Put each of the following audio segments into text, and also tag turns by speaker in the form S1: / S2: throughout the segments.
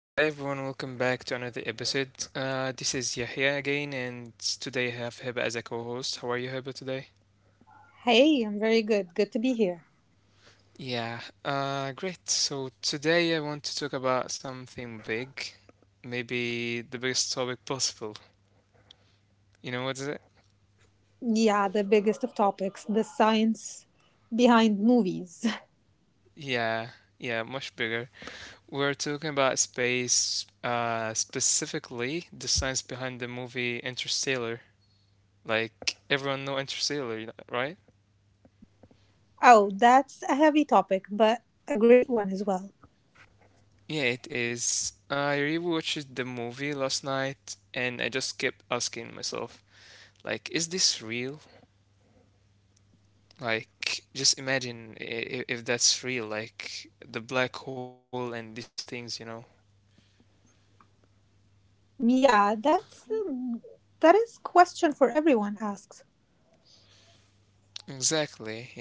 S1: Hi everyone, welcome back to another episode. This is Yahya again, and today I have Hiba as a co host. How are you, Hiba, today?
S2: Hey, I'm very good. Good to be here.
S1: Yeah, great. So today I want to talk about something big, maybe the biggest topic possible. You know what is it?
S2: Yeah, the biggest of topics the science behind movies.
S1: Yeah, yeah, much bigger. We're talking about space, specifically the science behind the movie Interstellar. Like everyone know Interstellar, right?
S2: Oh, that's a heavy topic, but a great one as well.
S1: Yeah, it is. I rewatched the movie last night and I just kept asking myself, like, is this real? Like, just imagine if that's real, like the black hole and these things, you know?
S2: Yeah, that's um, that is question for everyone asks.
S1: Exactly, yeah.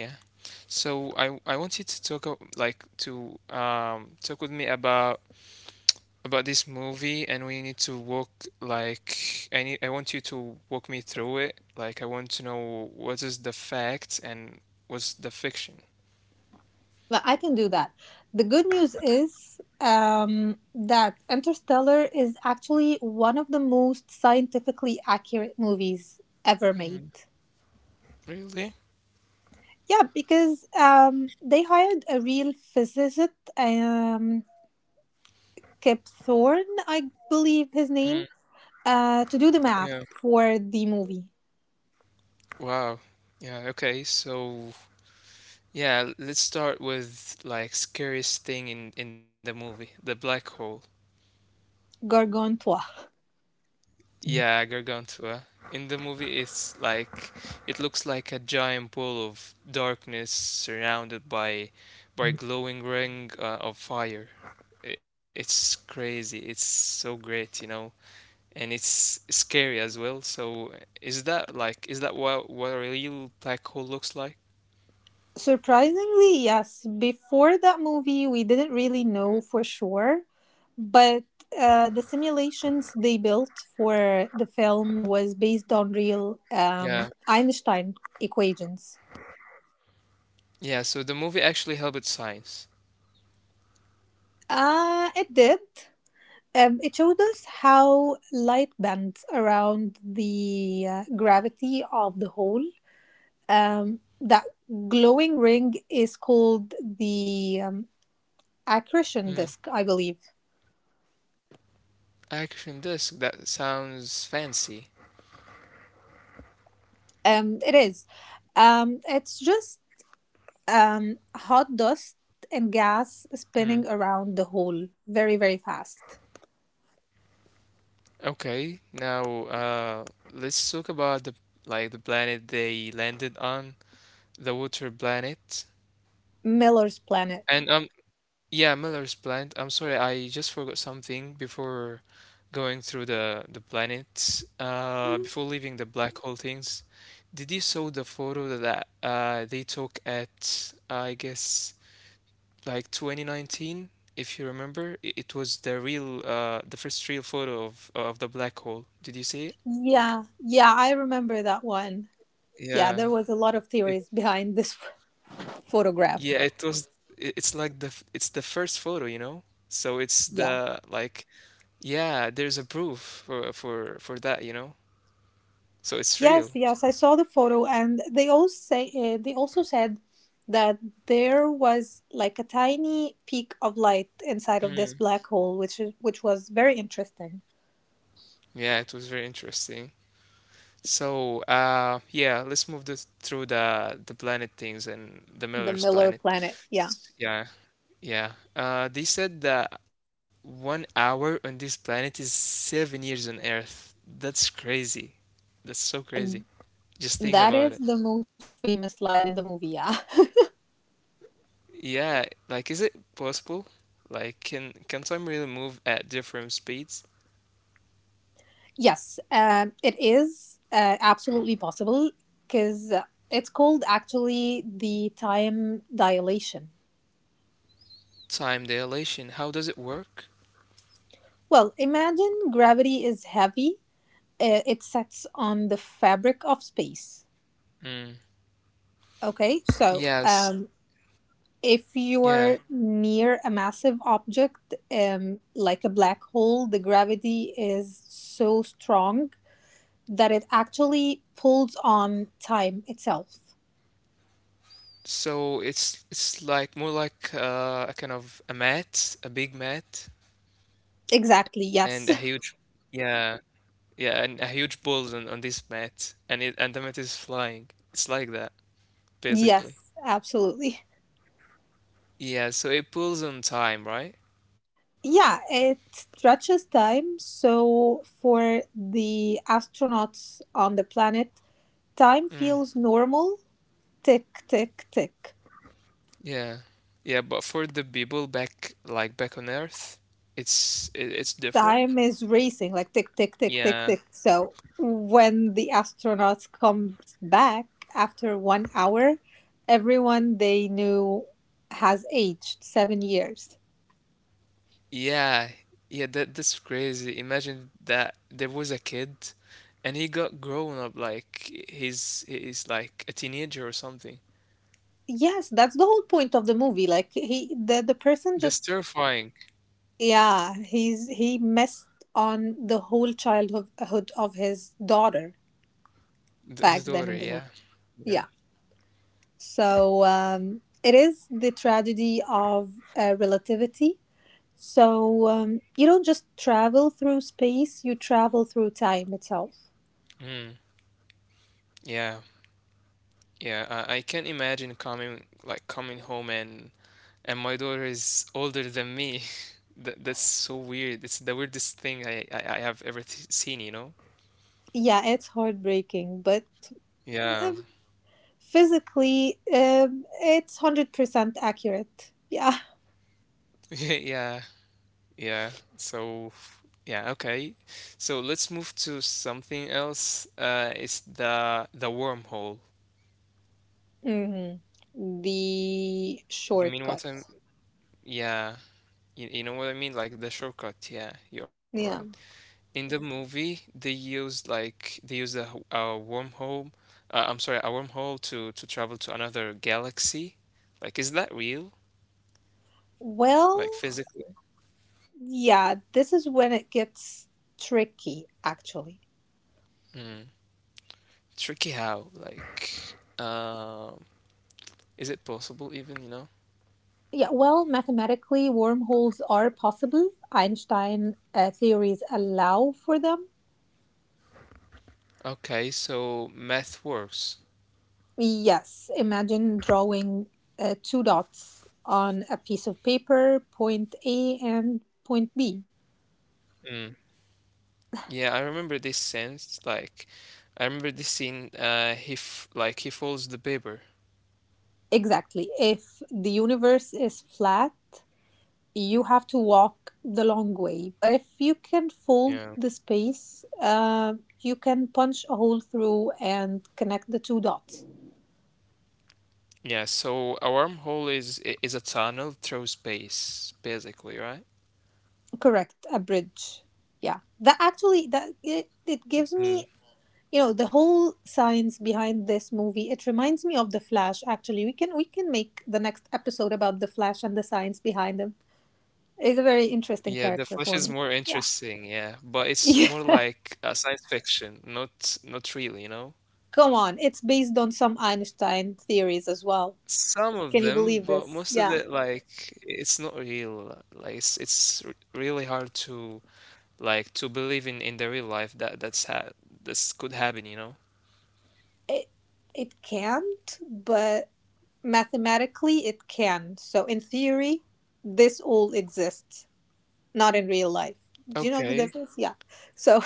S1: So I want you to like to talk with me about this movie, and we need to walk, like, I want you to walk me through it. Like, I want to know what is the fact and what's the fiction.
S2: But I can do that. The good news is that Interstellar is actually one of the most scientifically accurate movies ever made.
S1: Really?
S2: Yeah, because they hired a real physicist Kip Thorne, I believe his
S1: Mm,
S2: name, to do the
S1: yeah.
S2: math for the movie
S1: Wow. Yeah, okay. So, yeah, let's start with, like, scariest thing in the movie, the black hole.
S2: Gargantua.
S1: Yeah, Gargantua. In the movie, it's like it looks like a giant ball of darkness surrounded by glowing ring of fire. It's crazy. It's so great, and it's scary as well. So, is that what a real black hole looks like?
S2: Surprisingly, yes, before that movie, we didn't really know for sure, but the simulations they built for the film was based on real
S1: Yeah.
S2: Einstein equations.
S1: Yeah, so the movie actually helped with science.
S2: It did. It showed us how light bends around the gravity of the hole. That glowing ring is called the accretion disk, I
S1: Mm.
S2: believe.
S1: Action disc, that sounds fancy.
S2: It is. It's just hot dust and gas spinning
S1: Mm.
S2: around the hole very, very fast.
S1: Okay, now let's talk about the like the planet they landed on, the water planet.
S2: Miller's planet.
S1: And yeah, Miller's planet. I'm sorry, I just forgot something before going through the planet. Before
S2: Mhm.
S1: leaving the black hole things, did you saw the photo that they took at, I guess, like 2019? If you remember, it was the the first real photo of the black hole. Did you see it?
S2: Yeah, yeah, I remember that one. Yeah,
S1: Yeah.
S2: there was a lot of
S1: It
S2: theories behind this photograph.
S1: yeah, it was, it's like it's the first photo, you know? So it's
S2: Yeah.
S1: the like yeah, there's a proof for that, you know? So it's
S2: Yes,
S1: real.
S2: yes, I saw the photo, and they all say they also said that there was like a tiny peak of light inside of this
S1: Mm.
S2: black hole, which was very interesting.
S1: Yeah, it was very interesting. So, yeah, let's move this through the planet things and the
S2: The
S1: Miller's
S2: Miller
S1: planet.
S2: planet, yeah,
S1: Yeah. Yeah. They said that 1 hour on this planet is 7 years on Earth. That's crazy. That's so crazy. Just think
S2: that
S1: about it.
S2: is the most famous line in the movie. Yeah,
S1: Yeah, like, is it possible? Like, can time really move at different speeds?
S2: yes, it is absolutely possible because it's called actually the time dilation.
S1: Time dilation, how does it work?
S2: Well, imagine gravity is heavy, it sets on the fabric of space.
S1: Mm.
S2: Okay, so
S1: Yes.
S2: if you're
S1: Yeah.
S2: near a massive object, like a black hole, the gravity is so strong that it actually pulls on time itself.
S1: So it's like more like a kind of a mat, a big mat,
S2: Exactly,
S1: and a
S2: yes.
S1: huge. Yeah. Yeah, and a huge balls on this mat, and the mat is flying. It's like that, basically.
S2: Yes, absolutely.
S1: Yeah, so it pulls on time, right?
S2: Yeah, it stretches time. So for the astronauts on the planet, time
S1: Mm,
S2: feels normal, tick, tick, tick.
S1: yeah, yeah. But for the people back, like back on Earth, it's different.
S2: Time is racing like tick, tick, tick, tick,
S1: Yeah,
S2: tick. So when the astronauts comes back after 1 hour, everyone they knew has aged 7 years.
S1: yeah, yeah. That's crazy. Imagine that there was a kid, and he got grown up, like he's like a teenager or something.
S2: Yes, that's the whole point of the movie. Like the person just,
S1: That's terrifying.
S2: yeah, he messed on the whole childhood of his daughter
S1: His
S2: back
S1: daughter,
S2: then in
S1: yeah,
S2: the movie.
S1: yeah.
S2: Yeah, so um, it is the tragedy of relativity. So you don't just travel through space, you travel through time itself.
S1: Mm. Yeah, yeah, I can imagine coming, like coming home and my daughter is older than me. That's so weird. It's the weirdest thing I have ever th seen, you know?
S2: Yeah, it's heartbreaking, but
S1: Yeah.
S2: um, physically, it's 100% accurate. Yeah.
S1: Yeah. Yeah. So, yeah, okay. So let's move to something else. It's the wormhole.
S2: Hmm. The
S1: You mean
S2: shortcut.
S1: what I'm? Yeah. You know what I mean? Like the shortcut. Yeah, you're right.
S2: Yeah.
S1: In the movie, they used a wormhole, I'm sorry, a wormhole to travel to another galaxy. Like, is that real?
S2: Well,
S1: Like, physically?
S2: yeah, this is when it gets tricky, actually.
S1: Mm. Tricky how? Like, is it possible, even, you know?
S2: Yeah, well, mathematically, wormholes are possible. Einstein theories allow for them.
S1: Okay, so math works.
S2: Yes, imagine drawing two dots on a piece of paper, point A and point B.
S1: Mm. Yeah, I remember this scene. He f like he folds the paper.
S2: Exactly. If the universe is flat, you have to walk the long way. But if you can fold
S1: Yeah.
S2: the space, you can punch a hole through and connect the two dots.
S1: Yeah, so a wormhole is a tunnel through space, basically, right?
S2: Correct, a bridge. Yeah, that actually it
S1: Mm.
S2: gives me, you know, the whole science behind this movie. It reminds me of the Flash, actually. We can make the next episode about the Flash and the science behind him. It's a very interesting
S1: Yeah, the
S2: character
S1: Flash
S2: for
S1: is
S2: me.
S1: more
S2: Yeah,
S1: interesting, yeah, but it's
S2: yeah,
S1: more like a science fiction, not real, you know?
S2: come on, it's based on some Einstein theories as well.
S1: Some of
S2: Can you
S1: them,
S2: believe
S1: but
S2: this?
S1: most of
S2: Yeah,
S1: it, like, it's not real. Like, it's really hard to believe in the real life that's could happen, you know?
S2: it it can't, but mathematically it can. So in theory, this all exists, not in real life. Do you know
S1: Okay.
S2: the difference? Yeah, so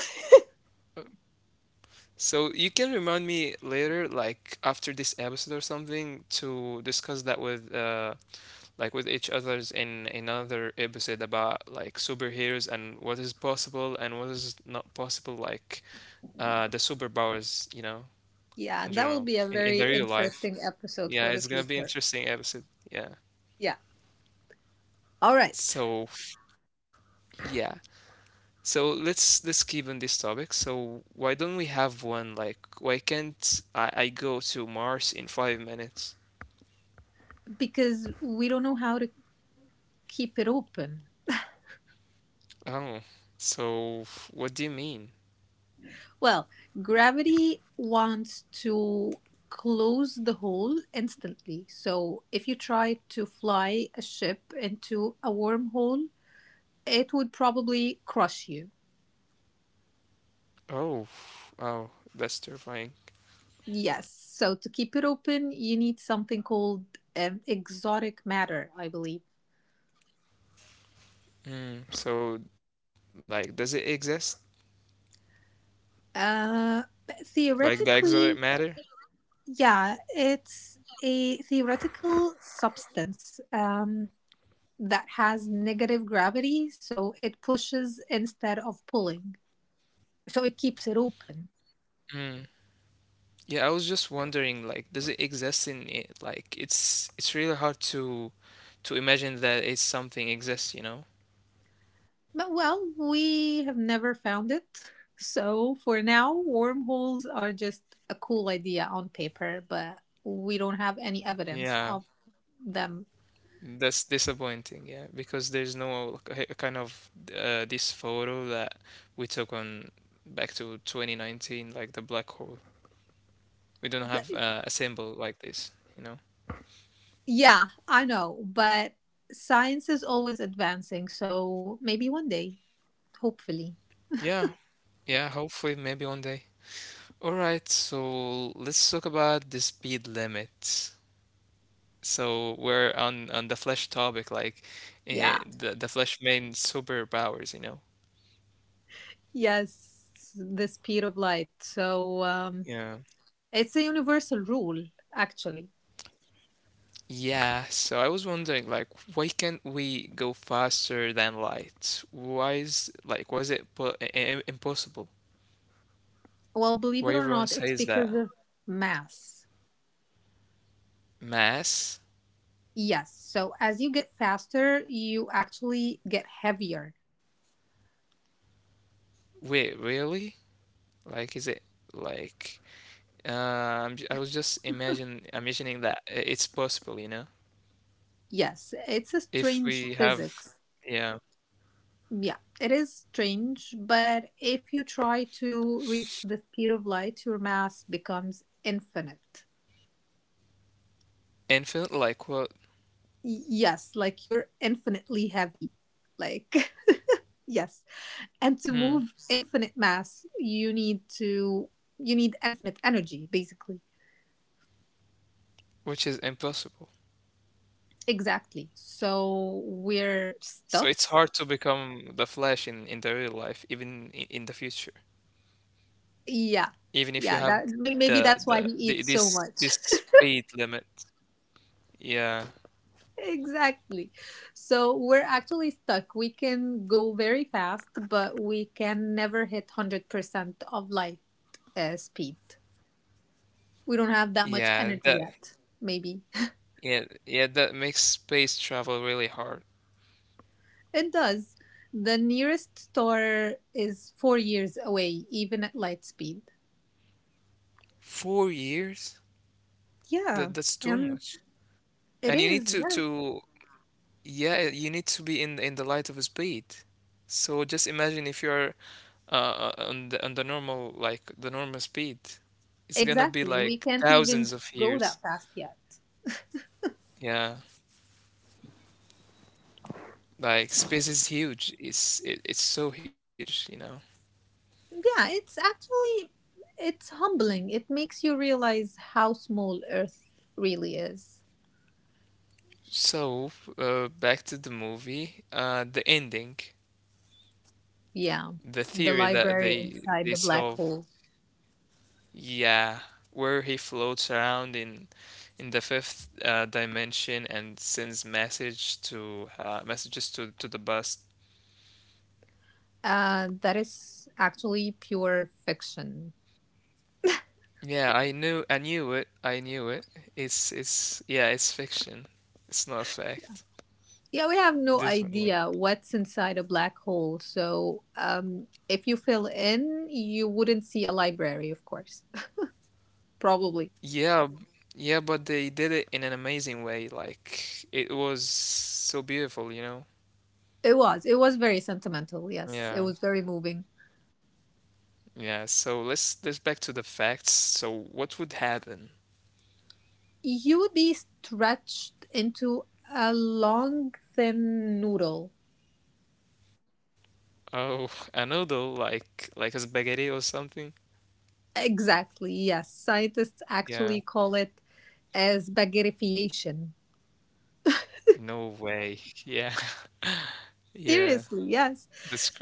S1: So you can remind me later, like after this episode or something, to discuss that with each others in another episode about, like, superheroes and what is possible and what is not possible, like the superpowers,
S2: yeah,
S1: in
S2: that will
S1: general,
S2: be a
S1: in
S2: very
S1: the real life.
S2: interesting episode for
S1: Yeah,
S2: the
S1: it's gonna be
S2: future.
S1: interesting episode. Yeah.
S2: Yeah. All right.
S1: So, yeah. So let's keep on this topic. So, why don't we have one, like, why can't I go to Mars in 5 minutes?
S2: Because we don't know how to keep it open.
S1: Oh, so what do you mean?
S2: Well, gravity wants to close the hole instantly. So if you try to fly a ship into a wormhole, it would probably crush you.
S1: Oh, oh, that's terrifying.
S2: Yes. So to keep it open, you need something called exotic matter, I believe.
S1: Mm, so, like, does it exist?
S2: Uh,
S1: Like, the exotic
S2: theoretically,
S1: matter?
S2: yeah, it's a theoretical substance that has negative gravity, so it pushes instead of pulling. So it keeps it open.
S1: Mm. Yeah, I was just wondering, like, does it exist in it? Like, it's really hard to imagine that it's something exists, you know?
S2: We have never found it. So for now, wormholes are just a cool idea on paper, but we don't have any evidence
S1: Yeah,
S2: of them.
S1: that's disappointing, yeah, because there's no kind of, this photo that we took on, back to 2019, like the black hole. We don't
S2: But,
S1: have, a symbol like this, you know?
S2: yeah, I know, but science is always advancing, so maybe one day, hopefully.
S1: Yeah, yeah, hopefully, maybe one day. All right, so let's talk about the speed limit. So we're on the flesh topic, like,
S2: Yeah.
S1: the flesh main superpowers, you know?
S2: Yes, the speed of light. So
S1: Yeah.
S2: it's a universal rule, actually.
S1: Yeah, so I was wondering, like, why can't we go faster than light? Why is, like, was it impossible?
S2: Well, believe
S1: Why
S2: it or
S1: everyone
S2: not, it's
S1: says
S2: because
S1: that?
S2: of mass.
S1: Mass?
S2: Yes. So as you get faster, you actually get heavier.
S1: Wait, really? Like, is it like, I was just imagine imagining that it's possible,
S2: Yes, it's a
S1: if
S2: strange
S1: we have,
S2: physics.
S1: yeah,
S2: Yeah, it is strange, but if you try to reach the speed of light, your mass becomes infinite.
S1: infinite, like what,
S2: Yes, like you're infinitely heavy. Like, yes. And
S1: mm,
S2: to move infinite mass, you need infinite energy, basically.
S1: which is impossible.
S2: Exactly, so we're
S1: So
S2: stuck.
S1: it's hard to become the Flash in the real life, even in the future,
S2: Yeah,
S1: even if you
S2: yeah,
S1: have
S2: that
S1: th-
S2: maybe that's why he
S1: the
S2: eats so
S1: this
S2: much.
S1: this speed limit. Yeah,
S2: Exactly. So we're actually stuck. We can go very fast, but we can never hit 100% of light speed. We don't have that much
S1: yeah,
S2: energy
S1: that
S2: yet. Maybe.
S1: yeah yeah that makes space travel really hard.
S2: It does. The nearest star is 4 years away, even at light speed.
S1: 4 years?
S2: Yeah,
S1: That's too
S2: and
S1: much.
S2: it
S1: And you need
S2: is.
S1: to
S2: Yeah,
S1: to Yeah, you need to be in the light of speed. So just imagine if you're on the normal, like the normal speed, it's gonna be
S2: exactly. We
S1: like
S2: can't even
S1: thousands of
S2: go
S1: years.
S2: that fast yet.
S1: Yeah, like, space is huge. It's so huge.
S2: Yeah, it's actually, it's humbling. It makes you realize how small Earth really is.
S1: So, back to the movie, the ending,
S2: Yeah,
S1: the
S2: the
S1: theory that
S2: library
S1: they
S2: inside
S1: they
S2: the black
S1: solve.
S2: hole.
S1: Yeah, where he floats around in the fifth dimension and sends messages to the bus.
S2: That is actually pure fiction.
S1: Yeah, I knew it. I knew it. It's yeah, it's fiction. It's not a fact.
S2: Yeah, we have no
S1: Definitely.
S2: idea what's inside a black hole. So, if you fill in, you wouldn't see a library, of course. Probably.
S1: Yeah, yeah, but they did it in an amazing way. Like, it was so beautiful, you know?
S2: It was. It was very sentimental. Yes, it
S1: Yeah.
S2: was very moving.
S1: Yeah, so let's back to the facts. So, what would happen?
S2: You would be stretched into a long, thin noodle.
S1: Oh, a noodle, like a spaghetti or something?
S2: Exactly. Yes. Scientists actually
S1: Yeah.
S2: call it as spaghettification.
S1: No way. Yeah.
S2: Seriously.
S1: Yeah.
S2: Yes.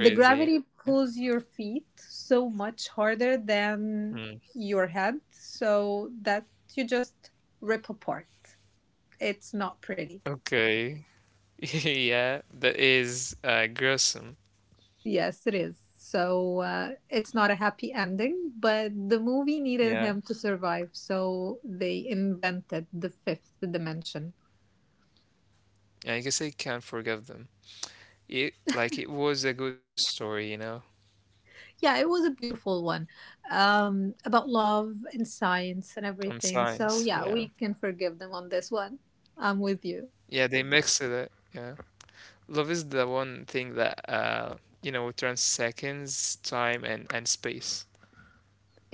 S2: The
S1: crazy.
S2: gravity
S1: Yeah.
S2: pulls your feet so much harder than
S1: Hmm.
S2: your head so that you just rip apart. It's not pretty.
S1: Okay. Yeah, that is gruesome.
S2: Yes it is. So it's not a happy ending, but the movie
S1: Yeah.
S2: needed him to survive, so they invented the fifth dimension.
S1: Yeah, I guess I can't forgive them. It was a good story,
S2: Yeah, it was a beautiful one, about love and science and
S1: on
S2: everything. So
S1: science.
S2: yeah,
S1: Yeah.
S2: we can forgive them on this one. I'm with you.
S1: Yeah, they mixed it. Yeah. Love is the one thing that transcends time and space.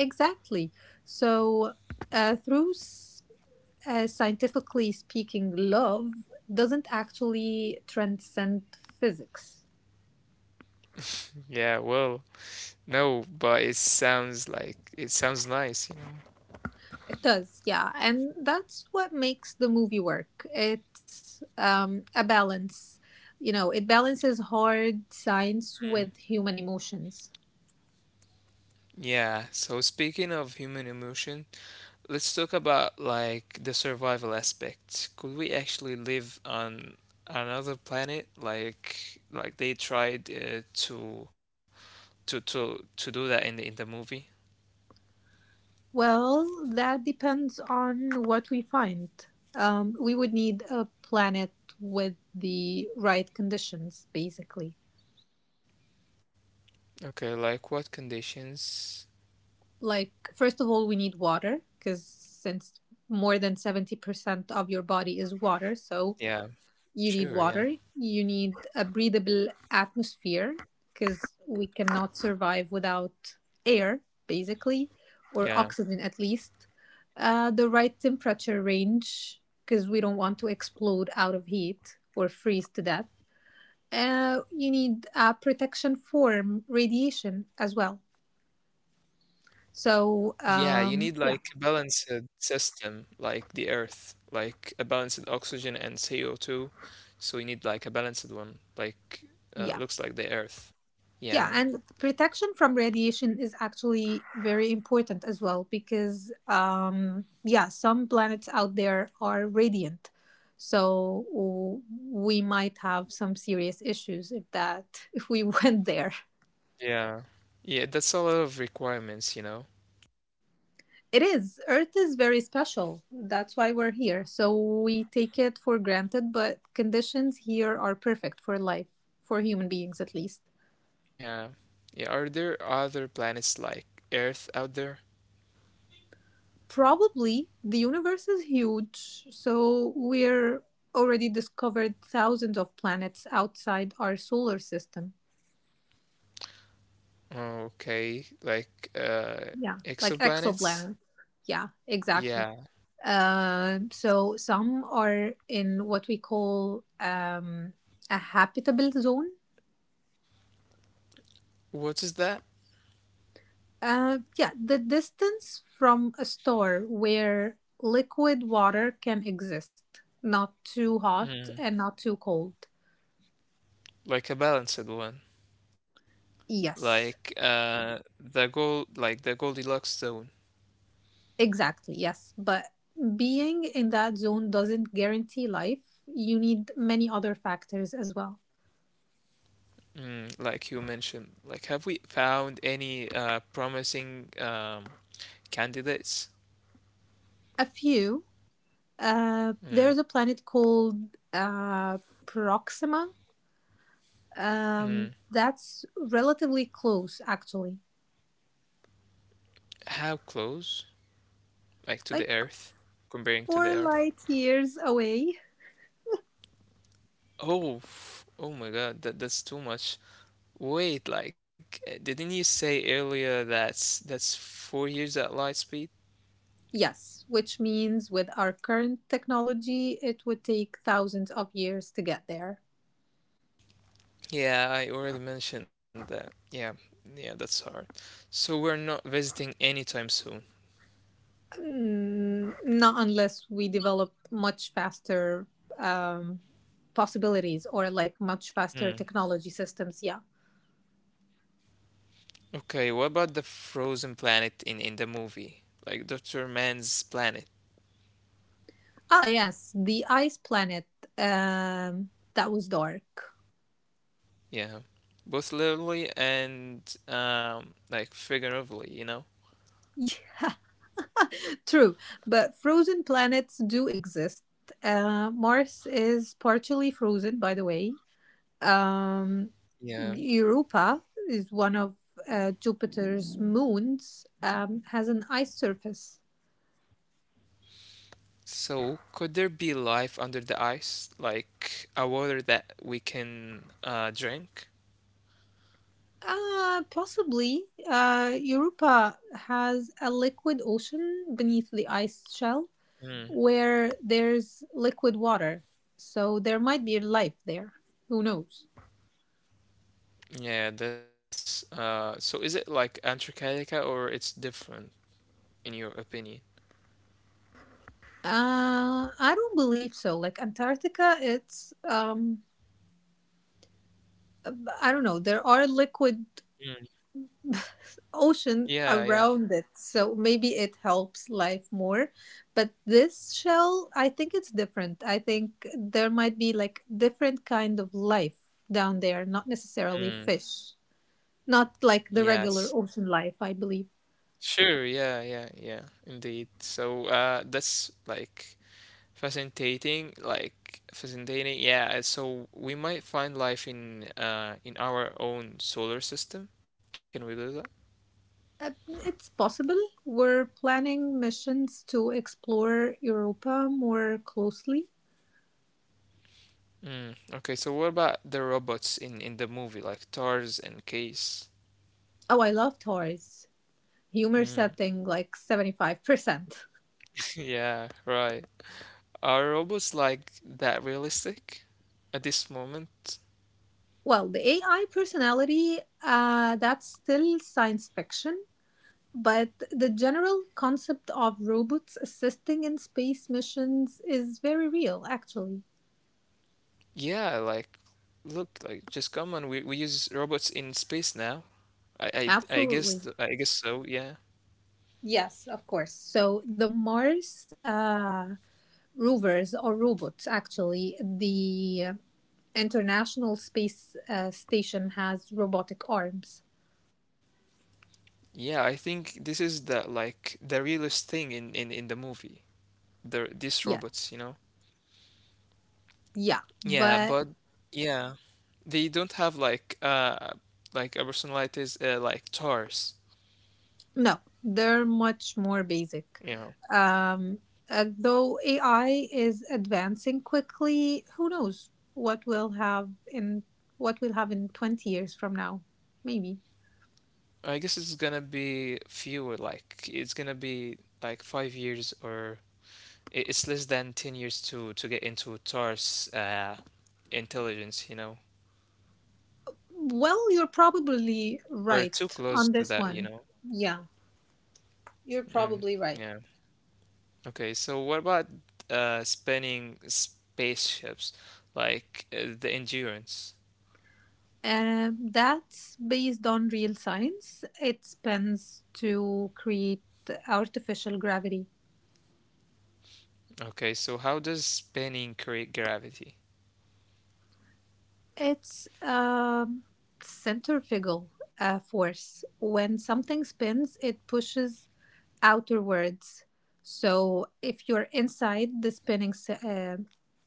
S2: Exactly. So, uh, through s- scientifically speaking, love doesn't actually transcend physics.
S1: Yeah, well, no, but it sounds nice.
S2: It does, yeah. And that's what makes the movie work. It's a balance. You know, it balances hard science
S1: Mm.
S2: with human emotions.
S1: Yeah, so, speaking of human emotion, let's talk about, like, the survival aspect. Could we actually live on another planet, like they tried, to do that in the movie?
S2: Well, that depends on what we find. We would need a planet with the right conditions, basically.
S1: Okay, like, what conditions?
S2: Like first of all, we need water, because since more than 70% of your body is water. So
S1: Yeah,
S2: you need water,
S1: sure, yeah.
S2: you need a breathable atmosphere, because we cannot survive without air, basically, or
S1: Yeah,
S2: oxygen at least. Uh, the right temperature range, because we don't want to explode out of heat or freeze to death. Uh, you need protection from radiation as well. So
S1: yeah, you need, like,
S2: yeah,
S1: a balanced system, like the Earth, like a balanced oxygen and CO2. So you need, like, a balanced one, like,
S2: yeah.
S1: looks like the Earth.
S2: Yeah,
S1: Yeah,
S2: and protection from radiation is actually very important as well because, yeah, some planets out there are radiant. So w- we might have some serious issues if that if we went there.
S1: yeah, yeah. That's a lot of requirements.
S2: It is. Earth is very special. That's why we're here. So we take it for granted, but conditions here are perfect for life, for human beings at least.
S1: Yeah, yeah. Are there other planets like Earth out there?
S2: Probably. The universe is huge, so we're already discovered thousands of planets outside our solar system.
S1: Oh, okay, like,
S2: Yeah, like
S1: exoplanets?
S2: exoplanets. Yeah, exactly.
S1: Yeah.
S2: So some are in what we call a habitable zone.
S1: What is that?
S2: Yeah, the distance from a star where liquid water can exist, not too hot
S1: Mm,
S2: and not too cold.
S1: like a balanced one.
S2: Yes.
S1: Like the Goldilocks zone.
S2: Exactly, yes. But being in that zone doesn't guarantee life. You need many other factors as well.
S1: Mm, like you mentioned, like, have we found any promising candidates?
S2: A few.
S1: Mm,
S2: There's a planet called uh, Proxima.
S1: mm.
S2: That's relatively close, actually,
S1: How close, like, to the
S2: like
S1: earth, comparing to the
S2: four
S1: earth?
S2: light years away.
S1: Oh, oh my god, that's too much. Wait, like, didn't you say earlier that's 4 years at light speed?
S2: Yes, which means with our current technology, it would take thousands of years to get there.
S1: Yeah, I already mentioned that. Yeah, yeah, that's hard. So we're not visiting anytime soon.
S2: Mm, not unless we develop much faster um, possibilities or like much faster
S1: Hmm.
S2: technology systems. Yeah.
S1: Okay, what about the frozen planet in the movie? Like, Dr. Man's planet.
S2: Ah, yes, the ice planet. Um, that was dark.
S1: Yeah. Both literally and, like, figuratively, you know?
S2: True, but frozen planets do exist. Mars is partially frozen, by the way. Um,
S1: Yeah.
S2: Europa is one of Jupiter's moons. Has an ice surface.
S1: So could there be life under the ice? Like, a water that we can drink?
S2: Possibly. Europa has a liquid ocean beneath the ice shell,
S1: Mm.
S2: where there's liquid water. So there might be life there. Who knows?
S1: Yeah, that's, so is it like Antarctica or it's different in your opinion?
S2: I don't believe so. Like Antarctica, it's I don't know. There are liquid
S1: Mm.
S2: ocean
S1: Yeah, yeah.
S2: around it. So maybe it helps life more. But this shell, I think it's different. I think there might be like different kind of life down there, not necessarily
S1: Mm.
S2: fish. Not like the regular
S1: Yes.
S2: ocean life, I believe.
S1: Sure, yeah, yeah, yeah, indeed. So, that's, like, fascinating. Yeah, so we might find life in our own solar system. Can we do that?
S2: Uh, It's possible. We're planning missions to explore Europa more closely.
S1: Mm. Okay, so what about the robots in the movie, like Tars and Case?
S2: Oh, I love toys. Humor
S1: Mm.
S2: setting like 75%.
S1: Yeah, right. Are robots like that realistic at this moment?
S2: Well, the AI personality, that's still science fiction, but the general concept of robots assisting in space missions is very real, actually.
S1: Yeah, like look, like just come on, we use robots in space now. I
S2: Absolutely.
S1: I guess so. Yeah,
S2: Yes, of course. So the Mars rovers or robots, actually, the International Space Station has robotic arms.
S1: yeah. I think this is the like the realest thing in the movie. The these
S2: Yeah,
S1: robots,
S2: yeah.
S1: Yeah,
S2: But
S1: but yeah, they don't have like a personality is like Tars
S2: no, they're much more basic.
S1: you know.
S2: Um, though AI is advancing quickly, who knows what we'll have in 20 years from now? Maybe.
S1: I guess it's gonna be fewer. Like it's gonna be like 5 years or it's less than 10 years to get into Tars intelligence,
S2: Well, you're probably
S1: We're too
S2: right
S1: close
S2: on
S1: to
S2: this
S1: that,
S2: one. Yeah, you're
S1: Mm,
S2: probably right.
S1: yeah. Okay, so what about spinning spaceships, like the endurance?
S2: That's based on real science. It spends to create artificial gravity.
S1: Okay, so how does spinning create gravity?
S2: It's centrifugal force. When something spins, it pushes outwards. So if you're inside the spinning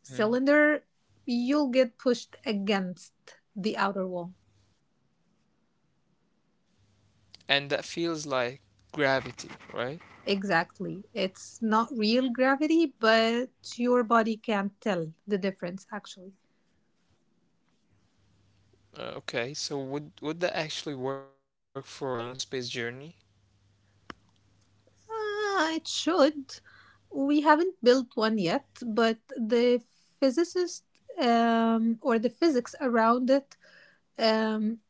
S2: cylinder,
S1: Mm.
S2: you'll get pushed against the outer wall.
S1: And that feels like gravity, right?
S2: Exactly. It's not real gravity, but your body can't tell the difference actually.
S1: Okay, so would that actually work for a long space journey?
S2: Ah, it should. We haven't built one yet, but the physicist or the physics around it um,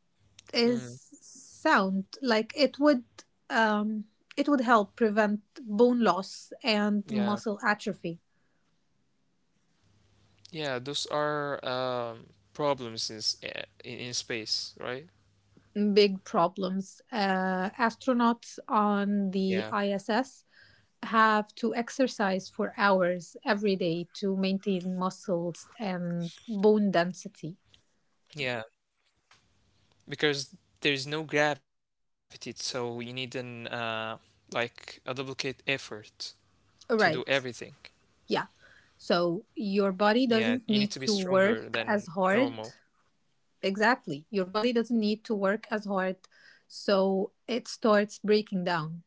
S2: is
S1: Mm.
S2: sound. Like um, it would help prevent bone loss and
S1: Yeah,
S2: muscle atrophy.
S1: yeah, those are problems in, in space, right?
S2: Big problems. Astronauts
S1: Yeah,
S2: on the ISS have to exercise for hours every day to maintain muscles and bone density.
S1: yeah, because there's no gravity, so you need an like a duplicate effort to do everything.
S2: Right. Yeah. So your
S1: Yeah, you
S2: body
S1: need to be
S2: doesn't need to
S1: stronger than
S2: work as
S1: normal.
S2: hard. Exactly. Your body doesn't need to work as hard. So it starts breaking down.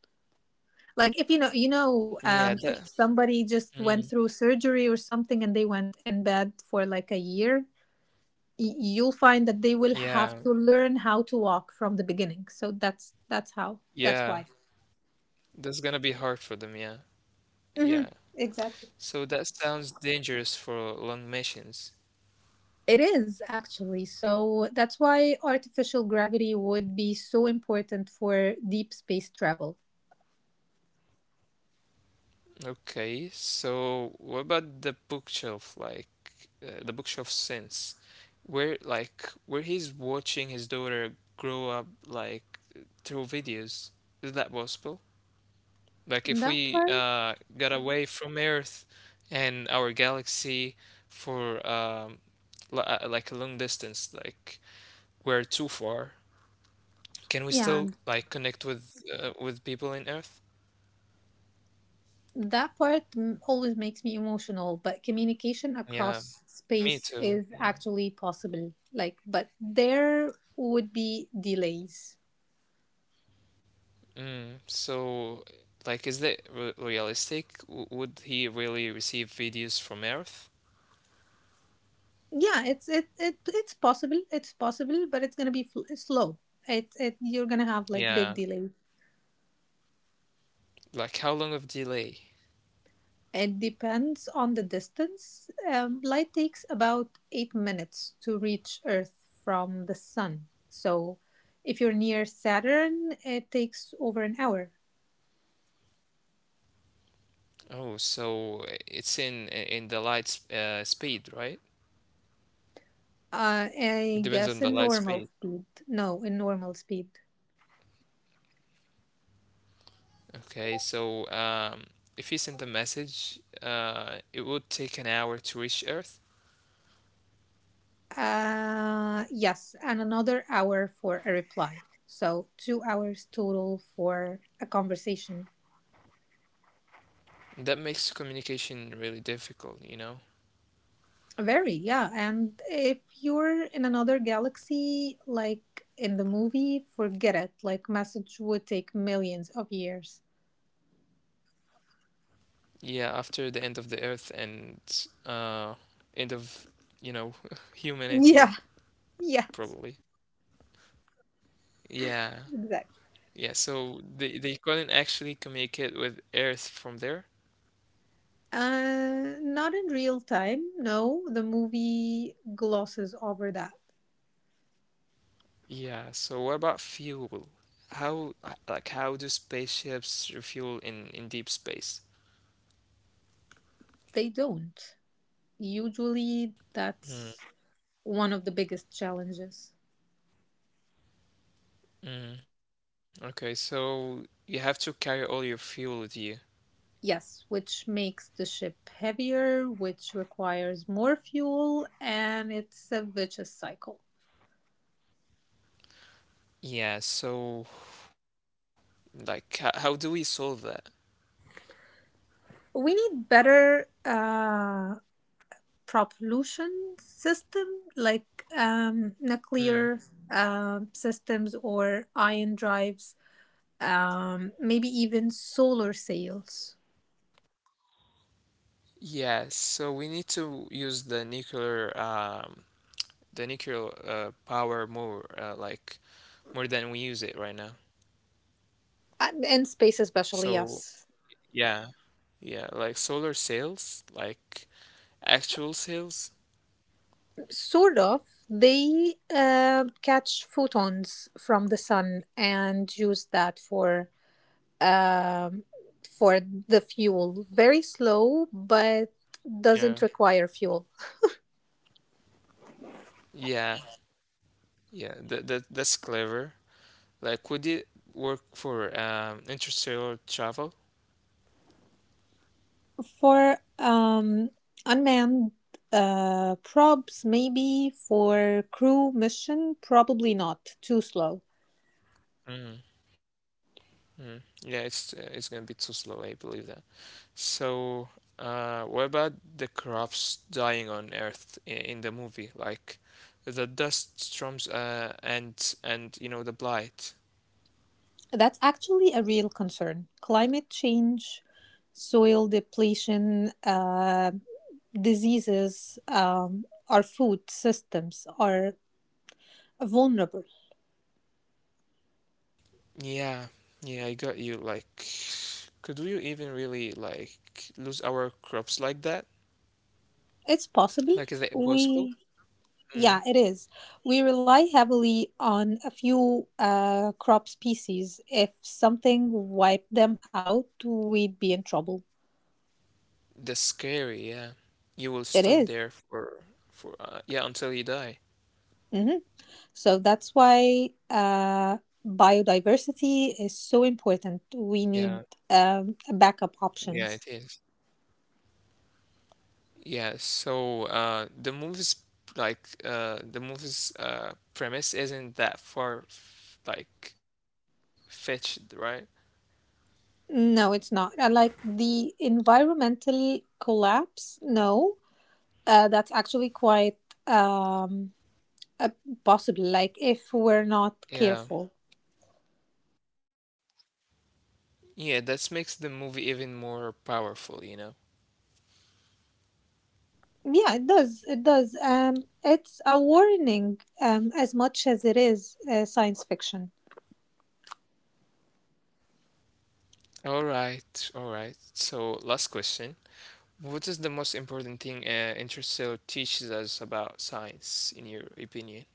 S2: Like if you know, you know,
S1: Yeah,
S2: if
S1: that,
S2: somebody just went
S1: mm,
S2: through surgery or something and they went in bed for like a year, you'll find that they will have to
S1: yeah,
S2: learn how to walk from the beginning. So that's how. That's
S1: yeah.
S2: why.
S1: That's gonna be hard for them, yeah.
S2: Hmm.
S1: Yeah.
S2: Exactly.
S1: So that sounds dangerous for long missions.
S2: It is actually. So that's why artificial gravity would be so important for deep space travel.
S1: Okay, so what about the bookshelf, like the bookshelf sense, where like where he's watching his daughter grow up like through videos? Is that possible? Like
S2: And
S1: if
S2: That
S1: we
S2: part,
S1: got away from Earth and our galaxy for like a long distance, like we're too far, can we
S2: yeah,
S1: still
S2: and
S1: like connect with people in Earth?
S2: that part always makes me emotional, but communication
S1: Yeah,
S2: across
S1: me
S2: space
S1: too.
S2: is
S1: Yeah.
S2: actually possible. Like, but there would be delays.
S1: Mm, so, like, is that re realistic? W would he really receive videos from Earth?
S2: Yeah, it's possible. It's possible, but it's going to be slow. It You're going to have like big
S1: Yeah.
S2: delays.
S1: Like, how long of delay?
S2: It depends on the distance. Light takes about 8 minutes to reach Earth from the Sun. So, if you're near Saturn, it takes over an hour.
S1: Oh, so it's in the light speed, right?
S2: I
S1: It depends
S2: guess
S1: on
S2: in
S1: the light
S2: normal
S1: speed.
S2: speed. No, in normal speed.
S1: Okay, so if he sent a message, it would take an hour to reach Earth.
S2: Yes, and another hour for a reply. So, 2 hours total for a conversation.
S1: That makes communication really difficult, you know?
S2: Very, yeah. And if you're in another galaxy, like in the movie, forget it. Like, message would take millions of years.
S1: Yeah, after the end of the Earth and uh, end of, you know, humanity,
S2: Yeah, yeah,
S1: probably. Yeah,
S2: exactly.
S1: yeah, so they couldn't actually communicate with Earth from there.
S2: Not in real time. No, the movie glosses over that.
S1: Yeah, so what about fuel? How, like, how do spaceships refuel in deep space?
S2: They don't. Usually, that's
S1: Hmm.
S2: one of the biggest challenges.
S1: Mm, okay, so you have to carry all your fuel with you.
S2: Yes, which makes the ship heavier, which requires more fuel, and it's a vicious cycle.
S1: Yeah, so like how do we solve that?
S2: We need better propulsion system, like nuclear
S1: Mm.
S2: systems or ion drives, maybe even solar sails.
S1: Yeah, so we need to use the nuclear power more like more than we use it right now.
S2: And space especially,
S1: So
S2: yes.
S1: yeah, yeah, like solar sails, like actual sails.
S2: Sort of. They catch photons from the sun and use that for um, for the fuel. Very slow, but
S1: Yeah.
S2: doesn't require fuel.
S1: Yeah, yeah, that, that's clever. Like, would it work for interstellar travel?
S2: For unmanned probes, maybe. For crew mission, probably not. Too slow.
S1: Mm. Yeah, it's gonna be too slow. I believe that. So, what about the crops dying on Earth in the movie? Like, the dust storms, and you know the blight.
S2: That's actually a real concern. Climate change, soil depletion, diseases, our food systems are vulnerable.
S1: Yeah, yeah, I got you. Like, could you even really like lose our crops like that?
S2: It's possible.
S1: Like,
S2: We...
S1: is it possible?
S2: Yeah, it is.
S1: Mm.
S2: We rely heavily on a few crop species. If something wiped them out, we'd be in trouble.
S1: That's
S2: It
S1: scary.
S2: is.
S1: Yeah, you will stuck there for yeah until
S2: Mm-hmm.
S1: you die.
S2: So that's why biodiversity is so important. We need
S1: Yeah,
S2: backup options.
S1: yeah, it is. Yeah, so like the movie's premise isn't that like fetched, right?
S2: No, it's not. Like the environmental collapse, no, that's actually quite um, uh, possible. Like if we're not careful.
S1: Yeah, yeah, that makes the movie even more powerful, you know.
S2: Yeah, it does. It does. It's a warning, as much as it is science fiction.
S1: All right, all right. So last question: what is the most important thing Interstellar teaches us about science, in your opinion?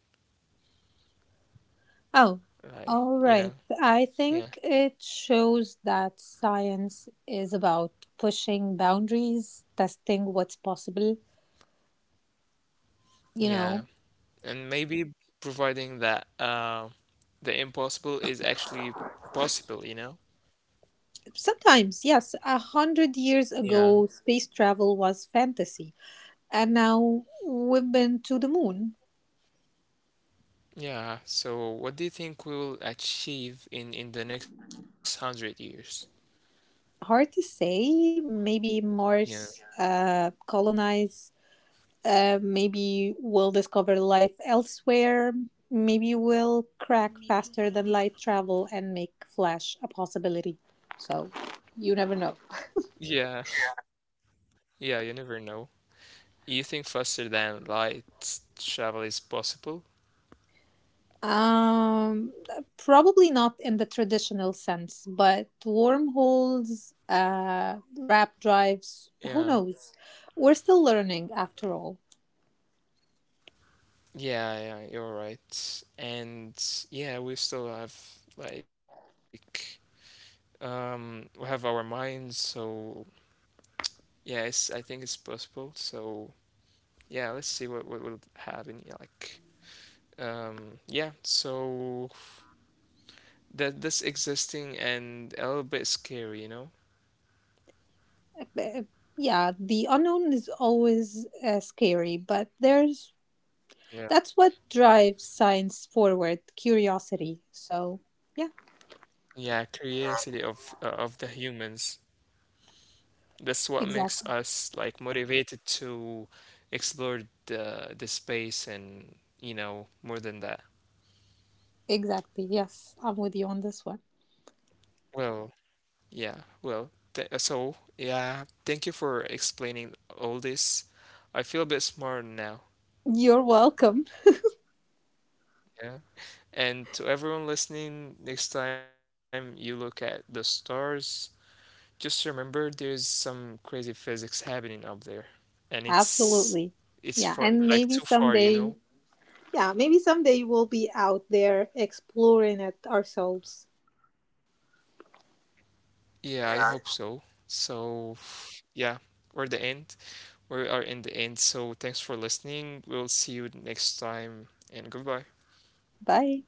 S2: Oh, all
S1: Like,
S2: right.
S1: you know,
S2: I think
S1: yeah,
S2: it shows that science is about pushing boundaries, testing what's possible. You know,
S1: yeah. And maybe providing that the impossible is actually possible, you know?
S2: sometimes, yes, 100 years
S1: Yeah.
S2: ago, space travel was fantasy, and now we've been to the moon.
S1: Yeah. So what do you think we will achieve in the next 100 years?
S2: Hard to say. Maybe
S1: Yeah.
S2: Mars colonized. Maybe we'll discover life elsewhere. Maybe we'll crack
S1: Maybe
S2: faster than
S1: we'll
S2: light travel and make Flash a possibility. So you never know.
S1: Yeah. Yeah, you never know. You think faster than light travel is possible?
S2: Um, Probably not in the traditional sense, but wormholes, rap drives, who
S1: Yeah.
S2: knows? We're still learning after all.
S1: Yeah, yeah, you're right. And yeah, we still have like we have our minds, so yeah, it's, I think it's possible. So yeah, let's see what will happen. Yeah, like, yeah. So that's existing and a little bit scary, you know.
S2: Uh, Yeah, the unknown is always scary, but there's...
S1: Yeah.
S2: That's what drives science forward, curiosity. So, yeah,
S1: Yeah, curiosity of the humans. That's what makes
S2: exactly.
S1: us like motivated to explore the space and you know more than that.
S2: Exactly. Yes, I'm with you on this one.
S1: Well, yeah, well, th so yeah, thank you for explaining all this. I feel a bit smarter now.
S2: You're welcome.
S1: And to everyone listening, next time you look at the stars, just remember there's some crazy physics happening up there. And it's
S2: Absolutely.
S1: it's far
S2: Yeah,
S1: like
S2: and
S1: too
S2: maybe
S1: far, you know?
S2: someday, yeah, maybe someday we'll be out there exploring it ourselves.
S1: Yeah, I hope so. So yeah, we're the end. We are in the end. So thanks for listening. We'll see you next time and goodbye.
S2: Bye.